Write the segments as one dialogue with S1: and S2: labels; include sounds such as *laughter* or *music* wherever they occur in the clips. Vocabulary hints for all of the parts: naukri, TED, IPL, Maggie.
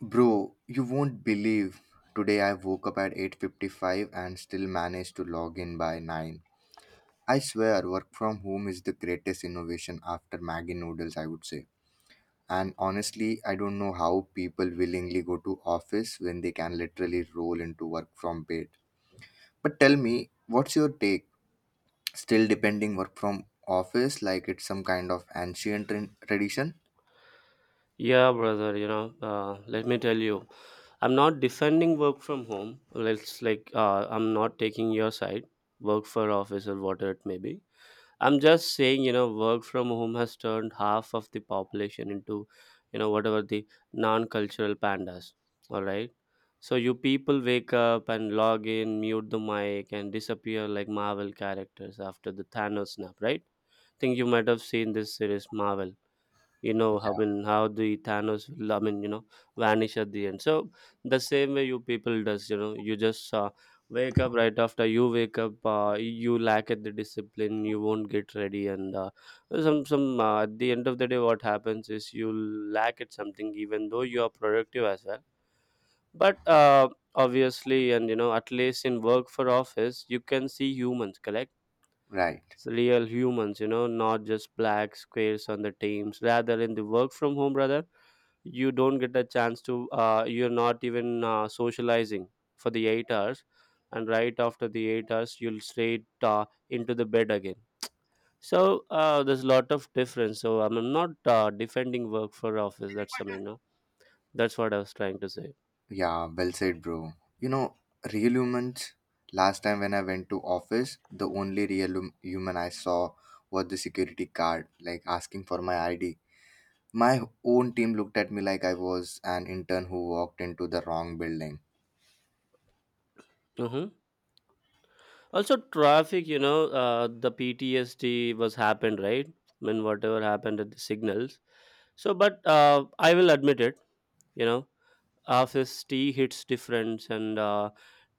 S1: Bro, you won't believe. Today I woke up at 8:55 and still managed to log in by 9. I swear work from home is the greatest innovation after Maggie noodles, I would say. And honestly, I don't know how people willingly go to office when they can literally roll into work from bed. But tell me, what's your take? Still depending work from office like it's some kind of ancient tradition?
S2: Yeah, brother, let me tell you, I'm not defending work from home. Let's, like, I'm not taking your side, work for office or whatever it may be. I'm just saying, work from home has turned half of the population into, whatever the non cultural pandas. All right. So you people wake up and log in, mute the mic, and disappear like Marvel characters after the Thanos snap, right? Think you might have seen this series Marvel, I
S1: Yeah,
S2: mean, how the Thanos will, I mean, vanish at the end. So the same way you people does, you just wake up. Right after you wake up, you lack at the discipline, you won't get ready, and some at the end of the day what happens is you lack at something even though you are productive as well. But obviously, and at least in work for office you can see humans, correct?
S1: right.
S2: Real humans, not just black squares on the Teams. Rather, in the work from home, brother, you don't get a chance to, you're not even socializing for the 8 hours. And right after the 8 hours, you'll straight into the bed again. So there's a lot of difference. So I'm not defending work for office. That's something, that's what I was trying to say.
S1: Yeah, well said, bro. You know, real humans, last time when I went to office, the only real human I saw was the security guard, like asking for my ID. My own team looked at me like I was an intern who walked into the wrong building.
S2: Hmm. Also, traffic, the PTSD was happened, right? When whatever happened at the signals. So, but I will admit it, you know, office tea hits different, and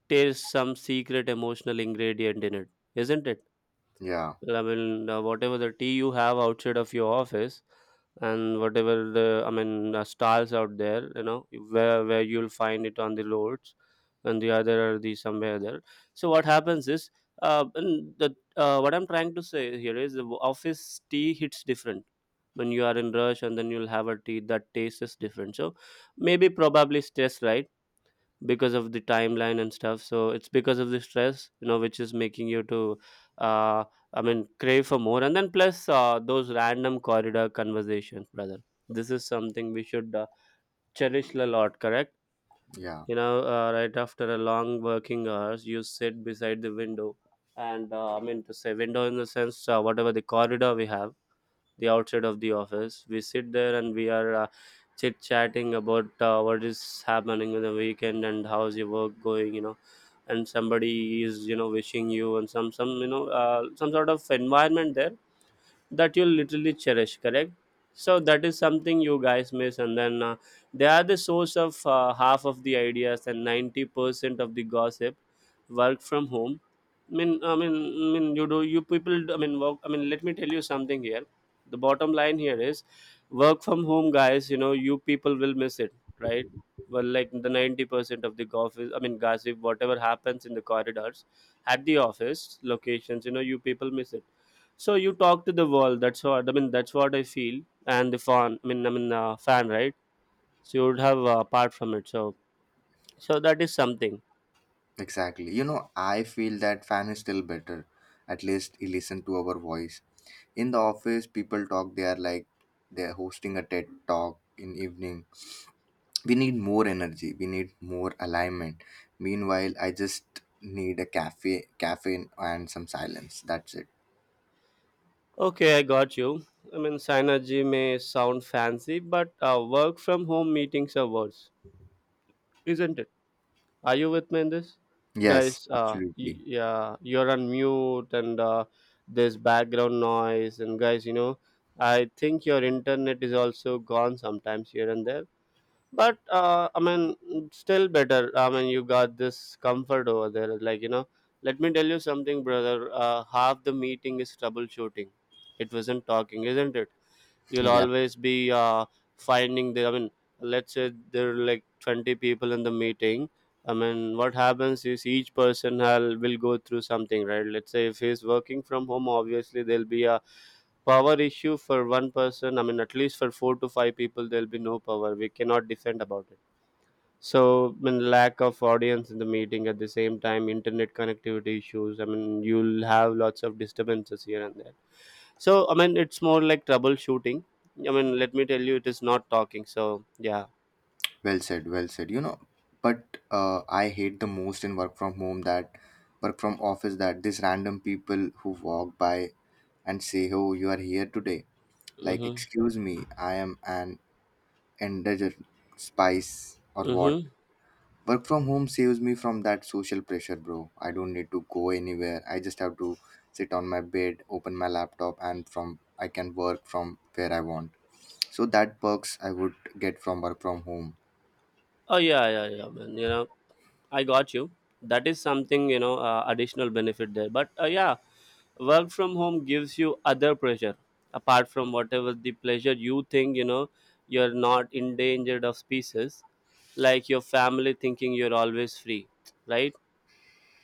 S2: there's some secret emotional ingredient in it, isn't it?
S1: Yeah,
S2: Well, I mean, whatever the tea you have outside of your office, and whatever the, I mean, stalls out there, where you'll find it on the roads, and the other are the somewhere there. So what happens is, and the what I'm trying to say here is the office tea hits different when you are in rush, and then you'll have a tea that tastes is different. So maybe probably stress, right? Because of the timeline and stuff, so it's because of the stress, which is making you to uh I mean crave for more. And then plus those random corridor conversations, brother, this is something we should cherish a lot, correct?
S1: yeah,
S2: Right after a long working hours, you sit beside the window, and I mean, to say window in the sense, whatever the corridor we have the outside of the office, we sit there and we are chit chatting about what is happening in the weekend and how's your work going, and somebody is, wishing you, and some you know some sort of environment there that you'll literally cherish, correct? So that is something you guys miss. And then they are the source of half of the ideas and 90% of the gossip. Work from home, I mean, you do you people do- I mean work I mean let me tell you something here, the bottom line here is work from home, guys, you people will miss it, right? Well, like the 90% of the gossip, I mean, gossip whatever happens in the corridors at the office locations, you people miss it. So you talk to the world. That's what I mean. That's what I feel. And the fan, I mean, fan, right? So you would have, apart from it. So, that is something.
S1: exactly. You know, I feel that fan is still better. At least he listened to our voice. In the office, people talk, they are like they're hosting a TED talk in evening. We need more energy, we need more alignment. Meanwhile, I just need a cafe caffeine and some silence, that's it.
S2: Okay, I got you. I mean, synergy may sound fancy, but work from home meetings are worse, isn't it? Are you with me in this,
S1: Yes,
S2: guys? Uh, y-
S1: absolutely.
S2: yeah, you're on mute, and there's background noise, and guys, I think your internet is also gone sometimes here and there. But I mean, still better. I mean, you got this comfort over there, like, let me tell you something, brother. Half the meeting is troubleshooting. It wasn't talking, isn't it? You'll
S1: Yeah,
S2: always be uh, finding the, I mean, let's say there are like 20 people in the meeting. I mean, what happens is each person will go through something, right? Let's say if he's working from home, obviously there'll be a power issue for one person. I mean, at least for four to five people there'll be no power, we cannot defend about it. So, I mean, lack of audience in the meeting at the same time, internet connectivity issues. I mean, you'll have lots of disturbances here and there. So, I mean, it's more like troubleshooting. I mean, let me tell you, it is not talking. So, yeah.
S1: well said. You know, but I hate the most in work from office, that these random people who walk by and say, oh, you are here today, like,
S2: Mm-hmm.
S1: excuse me, I am an endangered spice or what?
S2: Mm-hmm.
S1: Work from home saves me from that social pressure, bro. I don't need to go anywhere. I just have to sit on my bed, open my laptop, and from I can work from where I want. So that perks I would get from work from home.
S2: Oh, yeah, yeah, yeah, man. I got you. That is something, additional benefit there. But, yeah, work from home gives you other pressure apart from whatever the pleasure you think, you're not endangered of species, like your family thinking you're always free, right?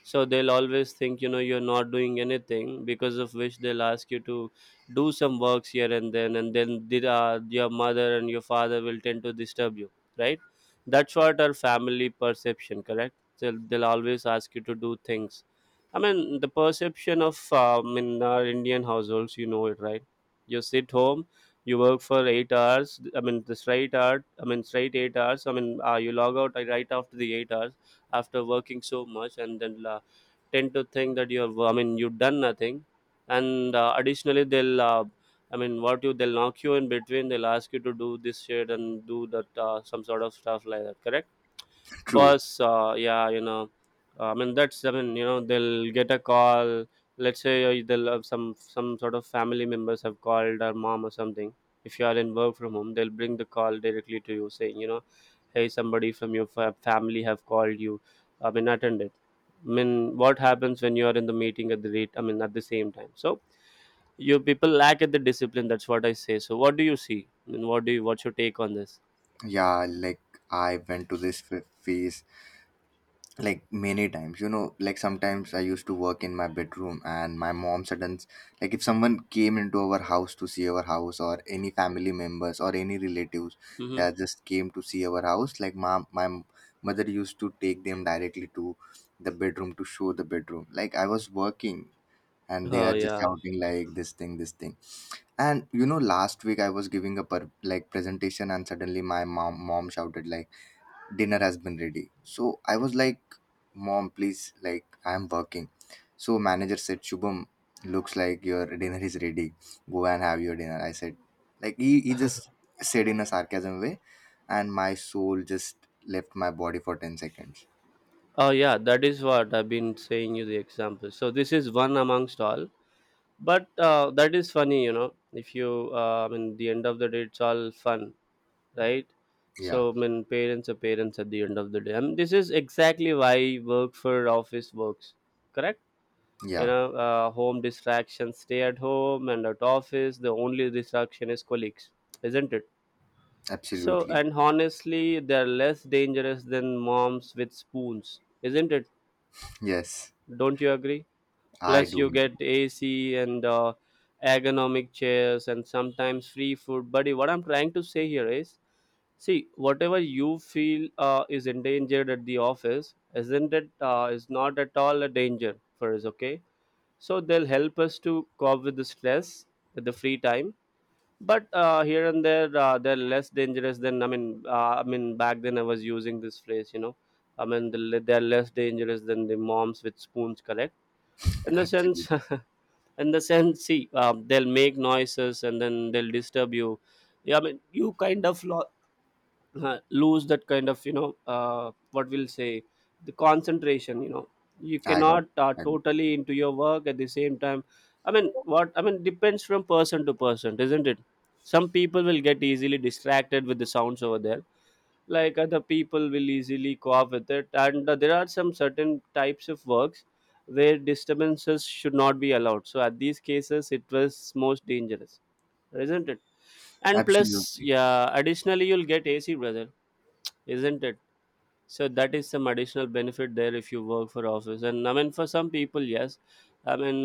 S2: So they'll always think, you're not doing anything, because of which they'll ask you to do some works here and then, your mother and your father will tend to disturb you, right? That's what our family perception, correct? So they'll always ask you to do things. I mean, the perception of, in our Indian households, you know it, right? You sit home, you work for 8 hours. I mean, the straight hour, I mean, straight 8 hours. I mean, you log out right after the 8 hours. After working so much, and then tend to think that you're, I mean, you've done nothing. And additionally, they'll, I mean, what you, they'll knock you in between, they'll ask you to do this shit and do that. Some sort of stuff like that, correct?
S1: *laughs* True.
S2: Boss, yeah, I mean, that's, I mean, they'll get a call. Let's say they'll have some sort of family members have called, or mom or something. If you are in work from home, they'll bring the call directly to you saying, hey, somebody from your family have called you. I mean, attend it. I mean, what happens when you are in the meeting at the rate, I mean, at the same time. So you people lack at the discipline. That's what I say. So what do you see? I mean, what do you, what's your take on this?
S1: Yeah, like I went to this phase like many times, you know, like sometimes I used to work in my bedroom, and my mom sudden like if someone came into our house to see our house or any family members or any relatives
S2: Mm-hmm.
S1: that just came to see our house, like, mom, my mother used to take them directly to the bedroom to show the bedroom, like, I was working and they
S2: Oh
S1: are just
S2: yeah.
S1: shouting like, this thing, this thing. And you know, last week I was giving a presentation, and suddenly my mom shouted like, dinner has been ready. So I was like, mom, please, like, I'm working. So manager said, Shubham, looks like your dinner is ready. Go and have your dinner. I said, like, he just said in a sarcasm way, and my soul just left my body for 10 seconds.
S2: Oh, yeah, that is what I've been saying you the example. So this is one amongst all, but that is funny. If you, I mean, the end of the day, it's all fun, right?
S1: Yeah,
S2: So I mean, parents are parents at the end of the day. And this is exactly why work for office works, correct? You
S1: yeah,
S2: know, uh, home distractions, stay at home. And at office, the only distraction is colleagues, isn't it? So,
S1: absolutely.
S2: and honestly, they're less dangerous than moms with spoons, isn't it?
S1: Yes,
S2: Don't you agree?
S1: I
S2: Plus,
S1: do
S2: you
S1: agree.
S2: get AC and ergonomic chairs and sometimes free food. Buddy, what I'm trying to say here is, see, whatever you feel is endangered at the office, isn't it? Is not at all a danger for us, okay? So they'll help us to cope with the stress at the free time. But here and there, they're less dangerous than, I mean. I mean, back then I was using this phrase. I mean, they're less dangerous than the moms with spoons, correct? In the
S1: Absolutely.
S2: sense, *laughs* in the sense see, they'll make noises and then they'll disturb you, yeah. I mean you kind of lose that kind of, you know, what we'll say, the concentration, you know. You
S1: I got,
S2: cannot
S1: I
S2: totally into your work at the same time. i mean
S1: got.
S2: what i mean depends from person to person, isn't it? Some people will get easily distracted with the sounds over there, like other people will easily go off with it. And there are some certain types of works where disturbances should not be allowed, so at these cases it was most dangerous, isn't it? And plus,
S1: Absolutely.
S2: yeah, additionally you'll get AC, brother, isn't it? So that is some additional benefit there if you work for office. And I mean, for some people, yes, I mean,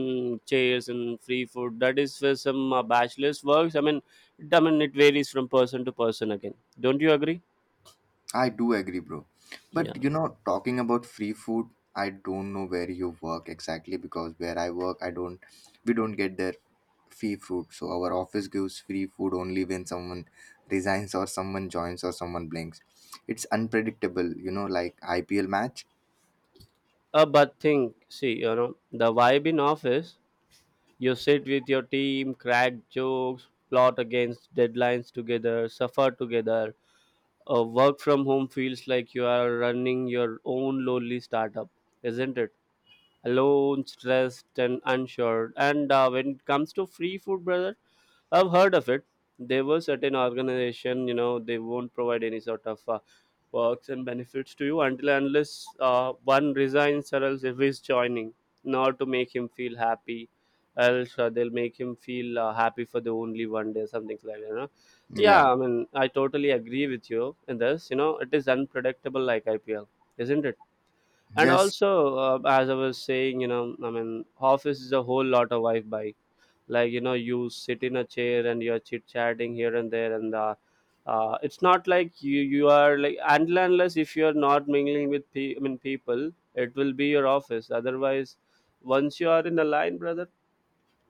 S2: chairs and free food, that is for some bachelors works, I mean. It varies from person to person again, don't you agree?
S1: I do agree, bro. But
S2: Yeah.
S1: you know, talking about free food, I don't know where you work exactly, because where I work, I don't, we don't get their free food. So our office gives free food only when someone resigns or someone joins or someone blinks. It's unpredictable, you know, like IPL match.
S2: But think, see, you know, the vibe in office, you sit with your team, crack jokes, plot against deadlines together, suffer together. Work from home feels like you are running your own lonely startup, isn't it? Alone, stressed, and unsure. And when it comes to free food, brother, I've heard of it. There were certain organization, you know, they won't provide any sort of perks and benefits to you until and unless one resigns or else if he's joining, not to make him feel happy, else they'll make him feel happy for the only one day, something like that, you know? Yeah,
S1: Yeah.
S2: I mean, I totally agree with you in this. You know, it is unpredictable like IPL, isn't it? And
S1: Yes.
S2: also, as I was saying, you know, I mean, office is a whole lot of wi-fi. Like, you know, you sit in a chair and you're chit chatting here and there. And it's not like you are like, until and unless if you're not mingling with people, it will be your office. Otherwise, once you are in the line, brother,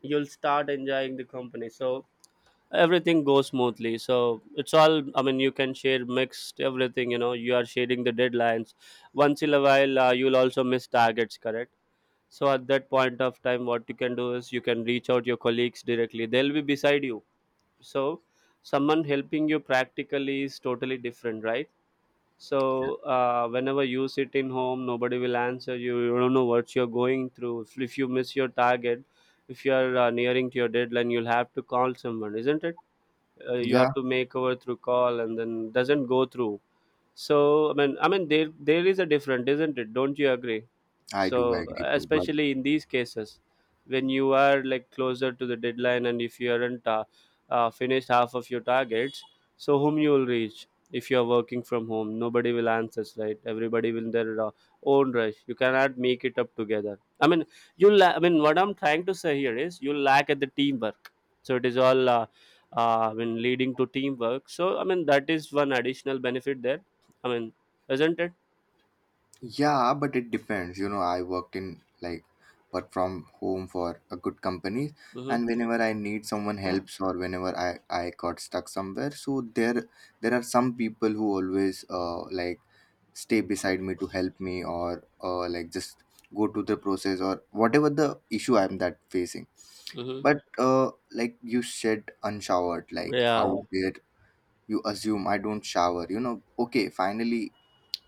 S2: you'll start enjoying the company. So everything goes smoothly. So it's all, I mean, you can share mixed everything, you know. You are sharing the deadlines. Once in a while, you'll also miss targets, correct? So at that point of time, what you can do is you can reach out your colleagues directly, they'll be beside you. So someone helping you practically is totally different, right? So whenever you sit in home, nobody will answer you, you don't know what you're going through if you miss your target. If you are nearing to your deadline, you'll have to call someone, isn't it? You
S1: Yeah.
S2: have to make over through call and then doesn't go through. So I mean, there is a difference, isn't it? Don't you agree?
S1: I do
S2: So
S1: agree, bro.
S2: especially in these cases, when you are like closer to the deadline and if you aren't finished half of your targets, so whom you will reach? If you are working from home, nobody will answer, right? Everybody will in their own rush, you cannot make it up together. I mean, what I'm trying to say here is, you lack at the teamwork. So it is all leading to teamwork. So I mean, that is one additional benefit there, I mean, isn't it?
S1: Yeah, but it depends. You know, I worked in like work from home for a good company,
S2: Mm-hmm.
S1: and whenever I need someone helps, or whenever I got stuck somewhere, so there are some people who always like stay beside me to help me, or like just go to the process or whatever the issue I'm that facing.
S2: Mm-hmm.
S1: But like you said, unshowered, like, how,
S2: Yeah.
S1: yeah, dare you assume I don't shower? You know, okay, finally.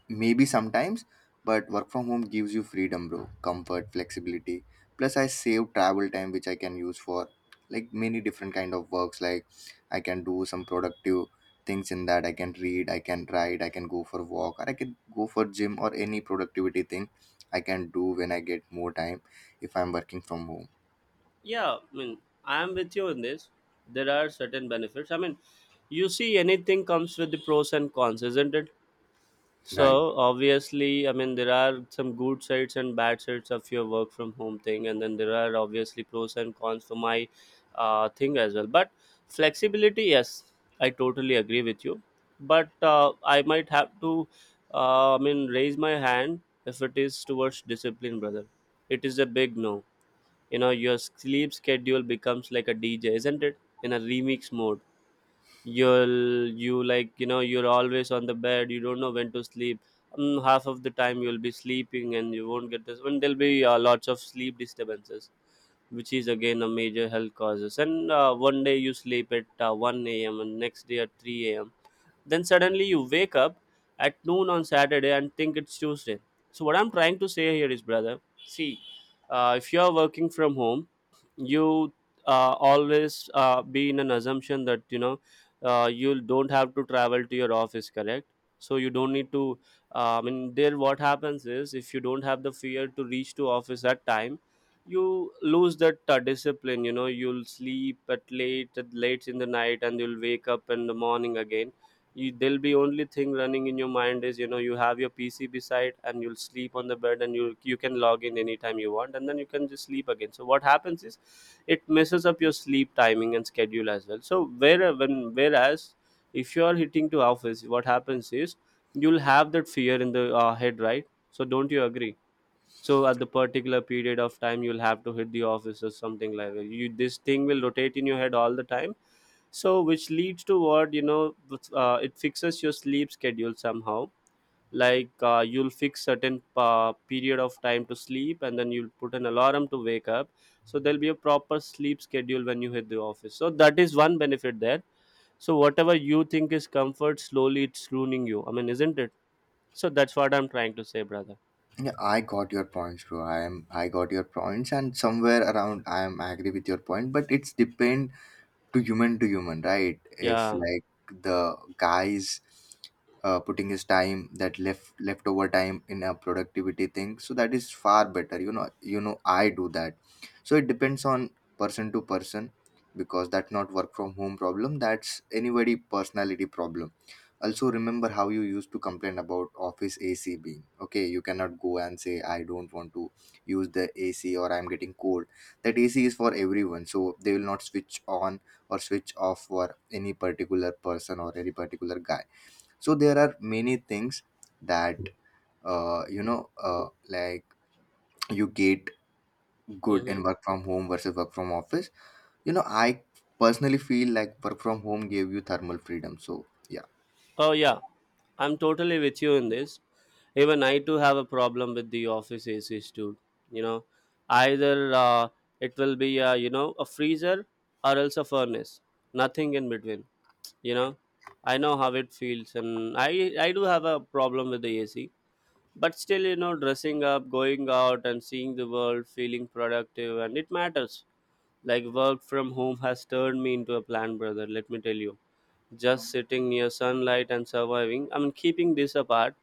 S1: Maybe sometimes, but work from home gives you freedom, bro, comfort, flexibility. Plus, I save travel time, which I can use for like many different kind of works. Like I can do some productive things in that. I can read, I can write, I can go for walk, or I can go for gym or any productivity thing I can do when I get more time if I'm working from home.
S2: Yeah, I mean, I am with you in this. There are certain benefits. I mean, you see, anything comes with the pros and cons, isn't it?
S1: Right.
S2: So obviously, I mean, there are some good sides and bad sides of your work from home thing, and then there are obviously pros and cons for my thing as well. But flexibility, yes, I totally agree with you. But I might have to, I mean, raise my hand if it is towards discipline, brother. It is a big no. You know, your sleep schedule becomes like a DJ, isn't it? In a remix mode, you like, you know, you're always on the bed, you don't know when to sleep. Mm, half of the time you'll be sleeping and you won't get this, and there'll be lots of sleep disturbances, which is again a major health causes. And one day you sleep at 1 a.m and next day at 3 a.m, then suddenly you wake up at noon on Saturday and think it's Tuesday. So what I'm trying to say here is, brother, see, if you are working from home, you always be in an assumption that, you know, you don't have to travel to your office, correct? So you don't need to. There what happens is, if you don't have the fear to reach to office at time, you lose that discipline. You know, you'll sleep at late in the night and you'll wake up in the morning again. You, there'll be only thing running in your mind is, you know, you have your PC beside and you'll sleep on the bed, and you can log in anytime you want and then you can just sleep again. So what happens is, it messes up your sleep timing and schedule as well. So whereas if you are hitting to office, what happens is you'll have that fear in the head, right? So don't you agree? So at the particular period of time, you'll have to hit the office or something like that. You, this thing will rotate in your head all the time. So which leads to what, you know, it fixes your sleep schedule somehow. Like you'll fix certain period of time to sleep, and then you'll put an alarm to wake up. So there'll be a proper sleep schedule when you hit the office. So that is one benefit there. So whatever you think is comfort, slowly it's ruining you, I mean, isn't it? So that's what I'm trying to say, brother.
S1: Yeah, I got your points, bro. I got your points, and somewhere around I am agree with your point, but it's depend to human to human, right? If
S2: Yeah.
S1: like the guys is putting his time, that leftover time, in a productivity thing, so that is far better, you know. I do that, so it depends on person to person, because that's not work from home problem, that's anybody personality problem. Also remember how you used to complain about office AC being okay, you cannot go and say I don't want to use the AC or I'm getting cold. That AC is for everyone, so they will not switch on or switch off for any particular person or any particular guy. So there are many things that you know, like you get good in
S2: Mm-hmm.
S1: work from home versus work from office. You know, I personally feel like work from home gave you thermal freedom, so yeah.
S2: Oh yeah, I'm totally with you in this. Even I too have a problem with the office ACs too, you know. Either it will be, you know, a freezer or else a furnace, nothing in between, you know. I know how it feels, and I do have a problem with the AC. But still, you know, dressing up, going out and seeing the world, feeling productive, and it matters. Like, work from home has turned me into a plant, brother, let me tell you. Just sitting near sunlight and surviving, I mean, keeping this apart,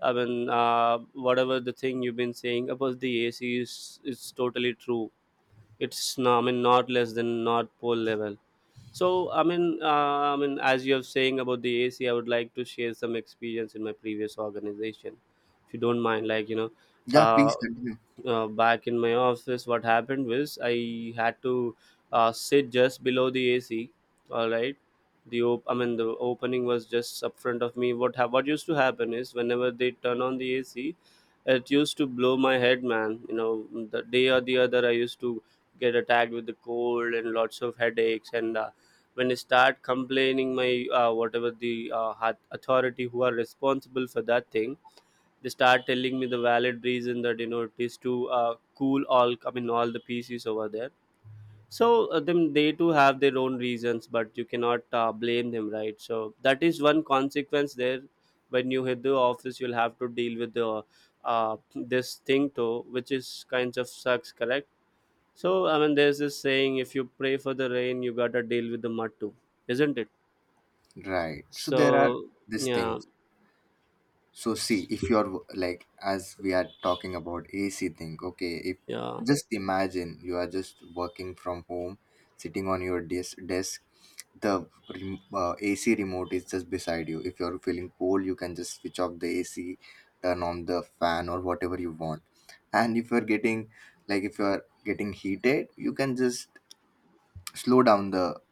S2: I mean, uh, whatever the thing you've been saying about the AC is, it's totally true. It's no, I mean, not less than not pole level. So I mean, as you are saying about the AC, I would like to share some experience in my previous organization, if you don't mind. Like, you know,
S1: Yeah, please
S2: uh,
S1: continue.
S2: back in my office, what happened was, I had to sit just below the AC, all right? The the opening was just up front of me. What used to happen is whenever they turn on the AC, it used to blow my head, man, you know. The day or the other, I used to get attacked with the cold and lots of headaches. And when I start complaining, my whatever the authority who are responsible for that thing, they start telling me the valid reason that, you know, it is to cool all I mean all the PCs over there. So them they too have their own reasons, but you cannot blame them, right? So that is one consequence there. When you hit the office, you'll have to deal with the uh, this thing too, which is kinds of sucks, correct? So I mean, there's this saying, if you pray for the rain, you gotta deal with the mud too, isn't it?
S1: Right, so there are
S2: So
S1: these
S2: yeah,
S1: things. So see, if you're like, as we are talking about AC thing, okay, if
S2: yeah,
S1: just imagine you are just working from home, sitting on your desk, the AC remote is just beside you. If you're feeling cold, you can just switch off the AC, turn on the fan or whatever you want. And if you're getting heated, you can just slow down the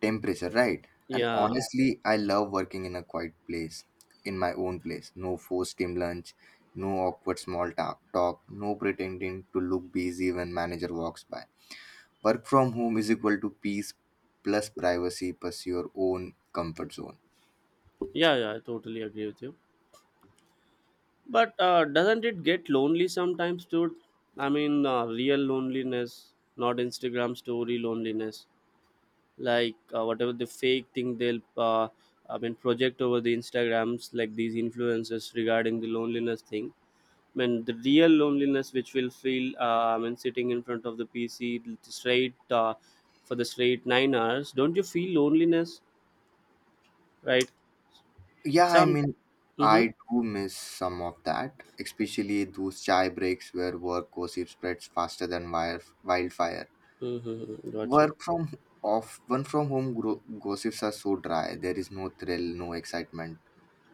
S1: temperature, right? And
S2: yeah,
S1: honestly, I love working in a quiet place, in my own place. No forced team lunch, no awkward small talk, no pretending to look busy when manager walks by. Work from home is equal to peace plus privacy plus your own comfort zone.
S2: yeah, yeah, I totally agree with you. But doesn't it get lonely sometimes, dude? I mean, real loneliness, not Instagram story loneliness. Like whatever the fake thing they'll, I mean, project over the Instagrams, like these influencers regarding the loneliness thing. I mean, the real loneliness which will feel, I mean, sitting in front of the PC straight for the straight 9 hours. Don't you feel loneliness, right?
S1: Yeah, I
S2: Some.
S1: mean, I
S2: Mm-hmm.
S1: do miss some of that, especially those chai breaks where work gossip spreads faster than wildfire.
S2: Mm-hmm. Got you.
S1: Work from off one from home gossips are so dry. There is no thrill, no excitement.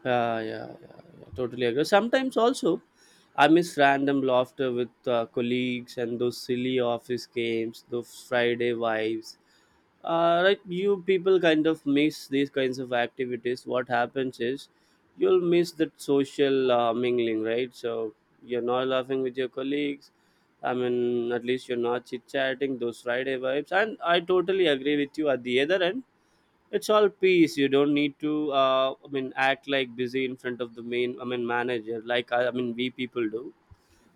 S2: Yeah, yeah, yeah, yeah, totally agree. Sometimes also, I miss random laughter with colleagues and those silly office games, those Friday vibes. Right, you people kind of miss these kinds of activities. What happens is you'll miss that social mingling, right? So you're not laughing with your colleagues. I mean, at least you're not chit chatting those Friday vibes. And I totally agree with you. At the other end, it's all peace. You don't need to act like busy in front of the main I mean manager, like we people do.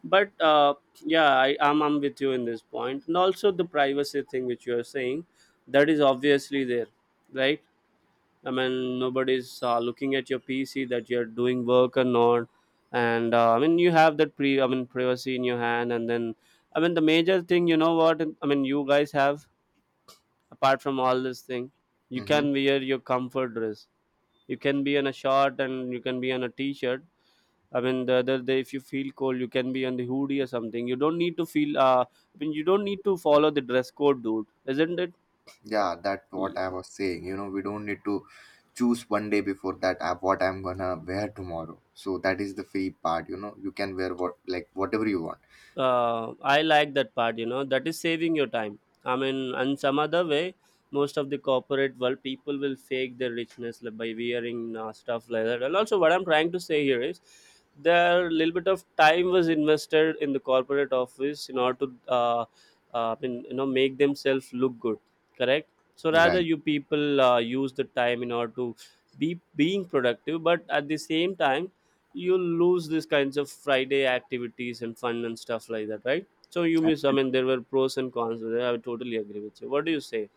S2: But yeah, I'm with you in this point. And also the privacy thing which you are saying, that is obviously there, right? I mean, nobody's looking at your PC that you're doing work or not. And I mean, you have that pre I mean privacy in your hand. And then I mean the major thing, you know what I mean, you guys have, apart from all this thing, you
S1: Hmm.
S2: can wear your comfort dress. You can be on a short and you can be on a t-shirt. I mean, the other day if you feel cold, you can be on the hoodie or something. You don't need to feel, I mean, you don't need to follow the dress code, dude, isn't
S1: Yeah, that's what
S2: it?
S1: I was saying. You know, we don't need to choose one day before that what I'm gonna wear tomorrow. So that is the free part. You know, you can wear what like whatever you want.
S2: I like that part. You know, that is saving your time. I mean, and some other way, most of the corporate world people will fake their richness like, by wearing stuff like that. And also, what I'm trying to say here is, there little bit of time was invested in the corporate office in order to, I you know, make themselves look good. Correct. So rather,
S1: Right.
S2: you people use the time in order to be being productive, but at the same time you lose these kinds of Friday activities and fun and stuff like that, right? So you miss, I mean, there were pros and cons. I totally agree with you. What do you say?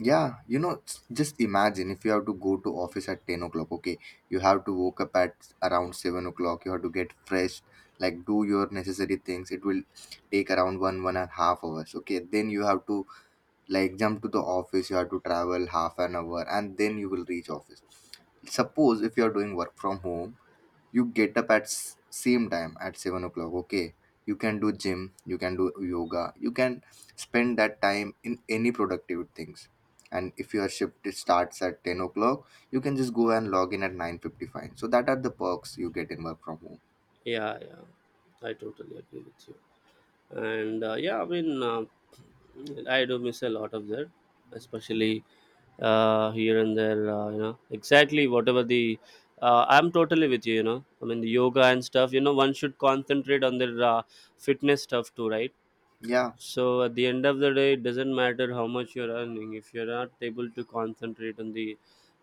S1: Yeah, you know, just imagine if you have to go to office at 10 o'clock, okay? You have to woke up at around 7 o'clock, you have to get fresh, like do your necessary things. It will take around one, 1.5 hours, okay? Then you have to like jump to the office, you have to travel half an hour, and then you will reach office. Suppose if you are doing work from home, you get up at same time at 7 o'clock, okay, you can do gym, you can do yoga, you can spend that time in any productive things. And if your shift it starts at 10 o'clock, you can just go and log in at 9:55. So that are the perks you get in work from home.
S2: Yeah, yeah, I totally agree with you. And *clears throat* I do miss a lot of that, especially here and there. You know exactly whatever the I'm totally with you, you know. I mean, the yoga and stuff, you know, one should concentrate on their fitness stuff too, right?
S1: Yeah,
S2: So at the end of the day, it doesn't matter how much you're earning if you're not able to concentrate on the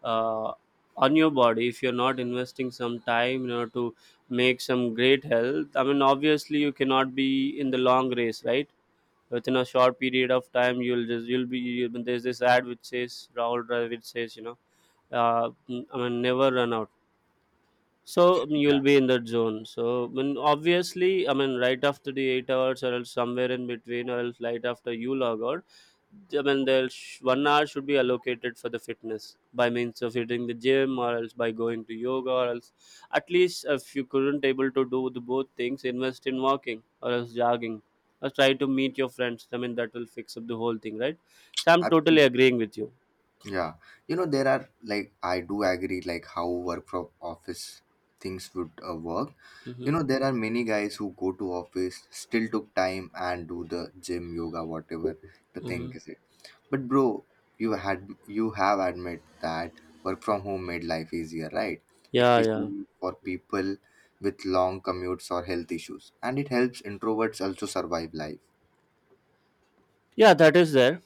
S2: uh, on your body. If you're not investing some time in order to make some great health, I mean, obviously, you cannot be in the long race, right? Within a short period of time, you'll just you'll be. You'll, there's this ad which says Rahul Dravid says, you know, uh, I mean, never run out. So you'll be in that zone. So when obviously, I mean, right after the 8 hours, or else somewhere in between, or else right after you log out, I mean, there's 1 hour should be allocated for the fitness by means of hitting the gym, or else by going to yoga, or else at least if you couldn't able to do the both things, invest in walking or else jogging, or try to meet your friends. I mean, that will fix up the whole thing, right? So I'm
S1: yeah.
S2: totally agreeing with you.
S1: Yeah, you know there are like I do agree like how work from office things would work.
S2: Mm-hmm.
S1: You know there are many guys who go to office still took time and do the gym, yoga, whatever the thing
S2: Mm-hmm.
S1: is it. But bro, you have admit that work from home made life easier, right?
S2: Yeah, yeah.
S1: Especially for people with long commutes or health issues, and it helps introverts also survive life.
S2: Yeah, that is there.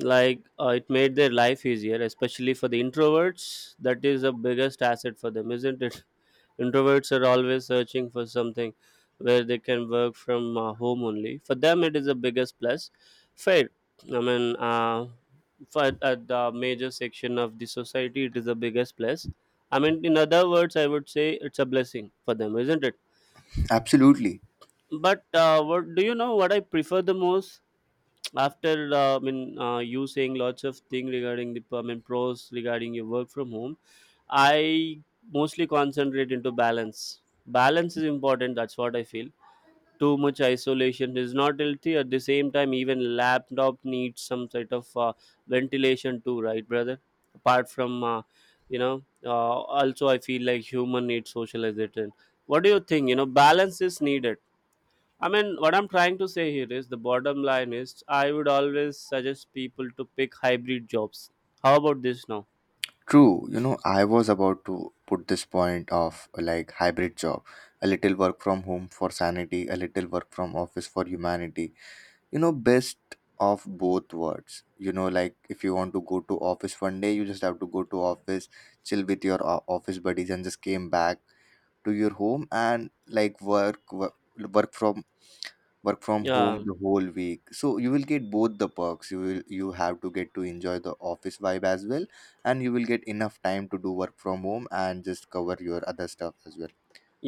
S2: Like it made their life easier, especially for the introverts. That is the biggest asset for them, isn't it? *laughs* Introverts are always searching for something where they can work from home only. For them, it is the biggest plus. Fair. I mean, uh, for at the major section of the society, it is the biggest plus. I mean, in other words, I would say it's a blessing for them, isn't it?
S1: Absolutely.
S2: But what do you know? What I prefer the most after you saying lots of thing regarding the, I mean, pros regarding your work from home, I mostly concentrate into balance. Balance is important. That's what I feel. Too much isolation is not healthy. At the same time, even laptop needs some sort of ventilation too, right, brother? Apart from you know, also I feel like human needs socialization. What do you think? You know, balance is needed. I mean, what I'm trying to say here is the bottom line is I would always suggest people to pick hybrid jobs. How about this now?
S1: True, you know, I was about to put this point of like hybrid job, a little work from home for sanity, a little work from office for humanity. You know, best of both worlds. You know, like if you want to go to office one day, you just have to go to office, chill with your office buddies, and just came back to your home and like work from work from home
S2: Yeah.
S1: the whole week. So you will get both the perks, you have to get to enjoy the office vibe as well. And you will get enough time to do work from home and just cover your other stuff as well.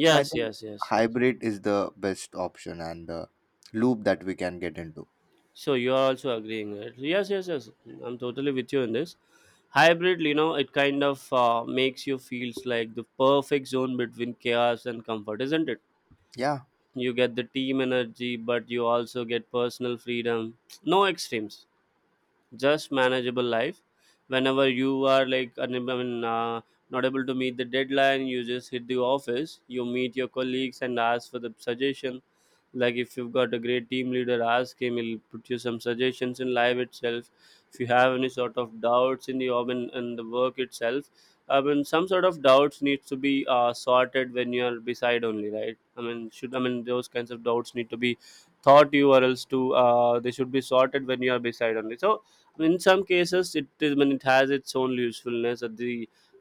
S1: So I think
S2: yes, yes, yes.
S1: hybrid is the best option and the loop that we can get into.
S2: So you are also agreeing, right? Yes, yes, yes. I'm totally with you in this. Hybrid, you know, it kind of makes you feels like the perfect zone between chaos and comfort, isn't it?
S1: Yeah,
S2: You get the team energy, but you also get personal freedom. No extremes. Just manageable life whenever you are like not able to meet the deadline. You just hit the office, you meet your colleagues and ask for the suggestion. Like if you've got a great team leader, ask him, he'll put you some suggestions in live itself. If you have any sort of doubts in the job and the work itself, I mean, some sort of doubts needs to be sorted when you're beside only, right? I mean, those kinds of doubts need to be thought you, or else to they should be sorted when you are beside only. So in some cases it is when it has its own usefulness at the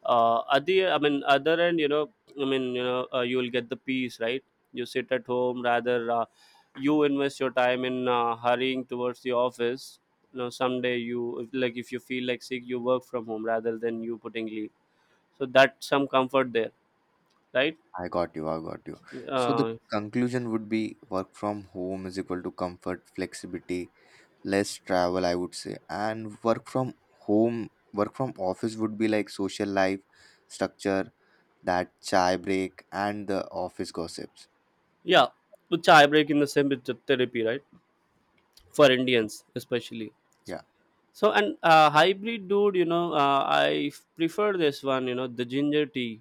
S2: at the, I mean, other end, you know. You will get the peace, right? You sit at home rather you invest your time in hurrying towards the office. You know, someday you if, like if you feel like sick, you work from home rather than you putting leave. So that's some comfort there, right?
S1: I got you, I got you. So the
S2: uh,
S1: conclusion would be, work from home is equal to comfort, flexibility, less travel, I would say. And work from office would be like social life, structure, that chai break and the office gossips.
S2: yeah, which chai break in the same with the therapy, right? For Indians especially.
S1: Yeah,
S2: So and hybrid, dude, you know, prefer this one, you know, the ginger tea.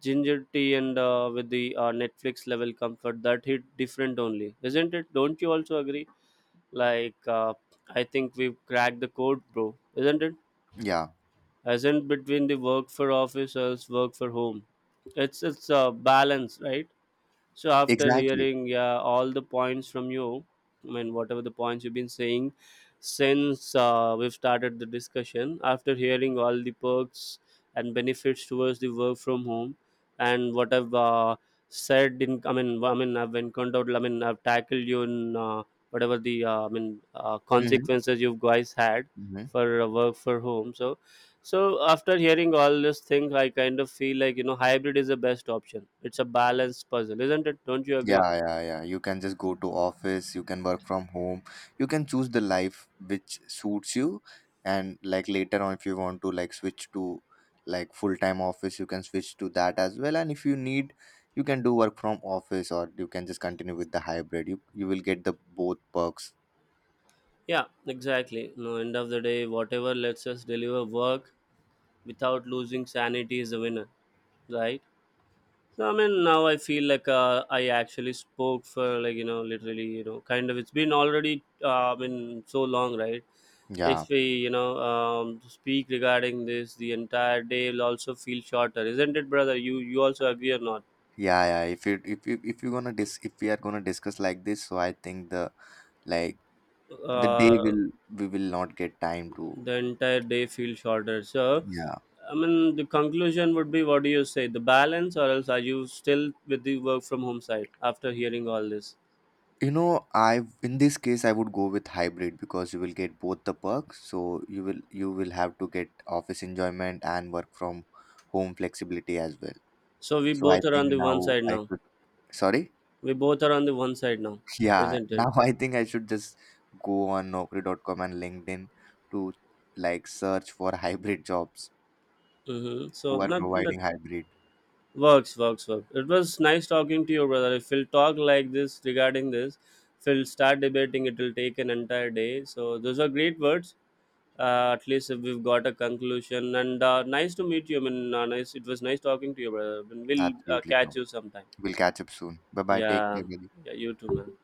S2: Ginger tea and with the Netflix level comfort, that hit different only, isn't it? Don't you also agree? Like, I think we've cracked the code, bro, isn't it?
S1: yeah,
S2: As in between the work for officers, work for home. It's a balance, right? So after
S1: exactly.
S2: hearing, yeah, all the points from you, I mean whatever the points you've been saying since we've started the discussion, after hearing all the perks and benefits towards the work from home, and what I've said in, I mean, I've encountered, I mean, I've tackled you in whatever the
S1: Hmm.
S2: consequences you guys had
S1: Hmm.
S2: for work for home. So after hearing all this thing, I kind of feel like, you know, hybrid is the best option. It's a balanced puzzle, isn't it? Don't you agree?
S1: Yeah, yeah, yeah, you can just go to office, you can work from home, you can choose the life which suits you. And like later on, if you want to like switch to like full-time office, you can switch to that as well. And if you need, you can do work from office, or you can just continue with the hybrid. You will get the both perks.
S2: Yeah, exactly. No, end of the day, whatever lets us deliver work without losing sanity is the winner, right? So I mean, now I feel like I actually spoke for like, you know, literally, you know, kind of it's been already been so long, right?
S1: Yeah,
S2: If we, you know, speak regarding this, the entire day will also feel shorter, isn't it, brother? You also agree or not?
S1: yeah, yeah, if we are gonna discuss like this, so I think the, like, the day
S2: uh,
S1: will, we will not get time to.
S2: the entire day feels shorter. So,
S1: Yeah.
S2: I mean, the conclusion would be, what do you say? The balance, or else are you still with the work from home side after hearing all this?
S1: You know, I in this case I would go with hybrid because you will get both the perks. So you will have to get office enjoyment and work from home flexibility as well.
S2: So, we
S1: So I
S2: both are
S1: think
S2: on the one
S1: now
S2: side
S1: I
S2: now.
S1: should, sorry?
S2: We both are on the one side now,
S1: *laughs* Yeah.
S2: isn't it?
S1: Now I think I should just go on naukri.com and LinkedIn to like search for *laughs* hybrid jobs
S2: Mm-hmm. So,
S1: who are
S2: not that
S1: providing hybrid.
S2: works, works, works. It was nice talking to you, brother. If we'll talk like this regarding this, if we'll start debating, it will take an entire day. So, those are great words. At least we've got a conclusion and nice to meet you. I mean, nice, it was nice talking to you, brother. I mean, we'll
S1: Absolutely,
S2: catch
S1: bro.
S2: you sometime.
S1: We'll catch up soon. Bye bye. Take
S2: Yeah.
S1: care, buddy.
S2: Yeah, you too, man.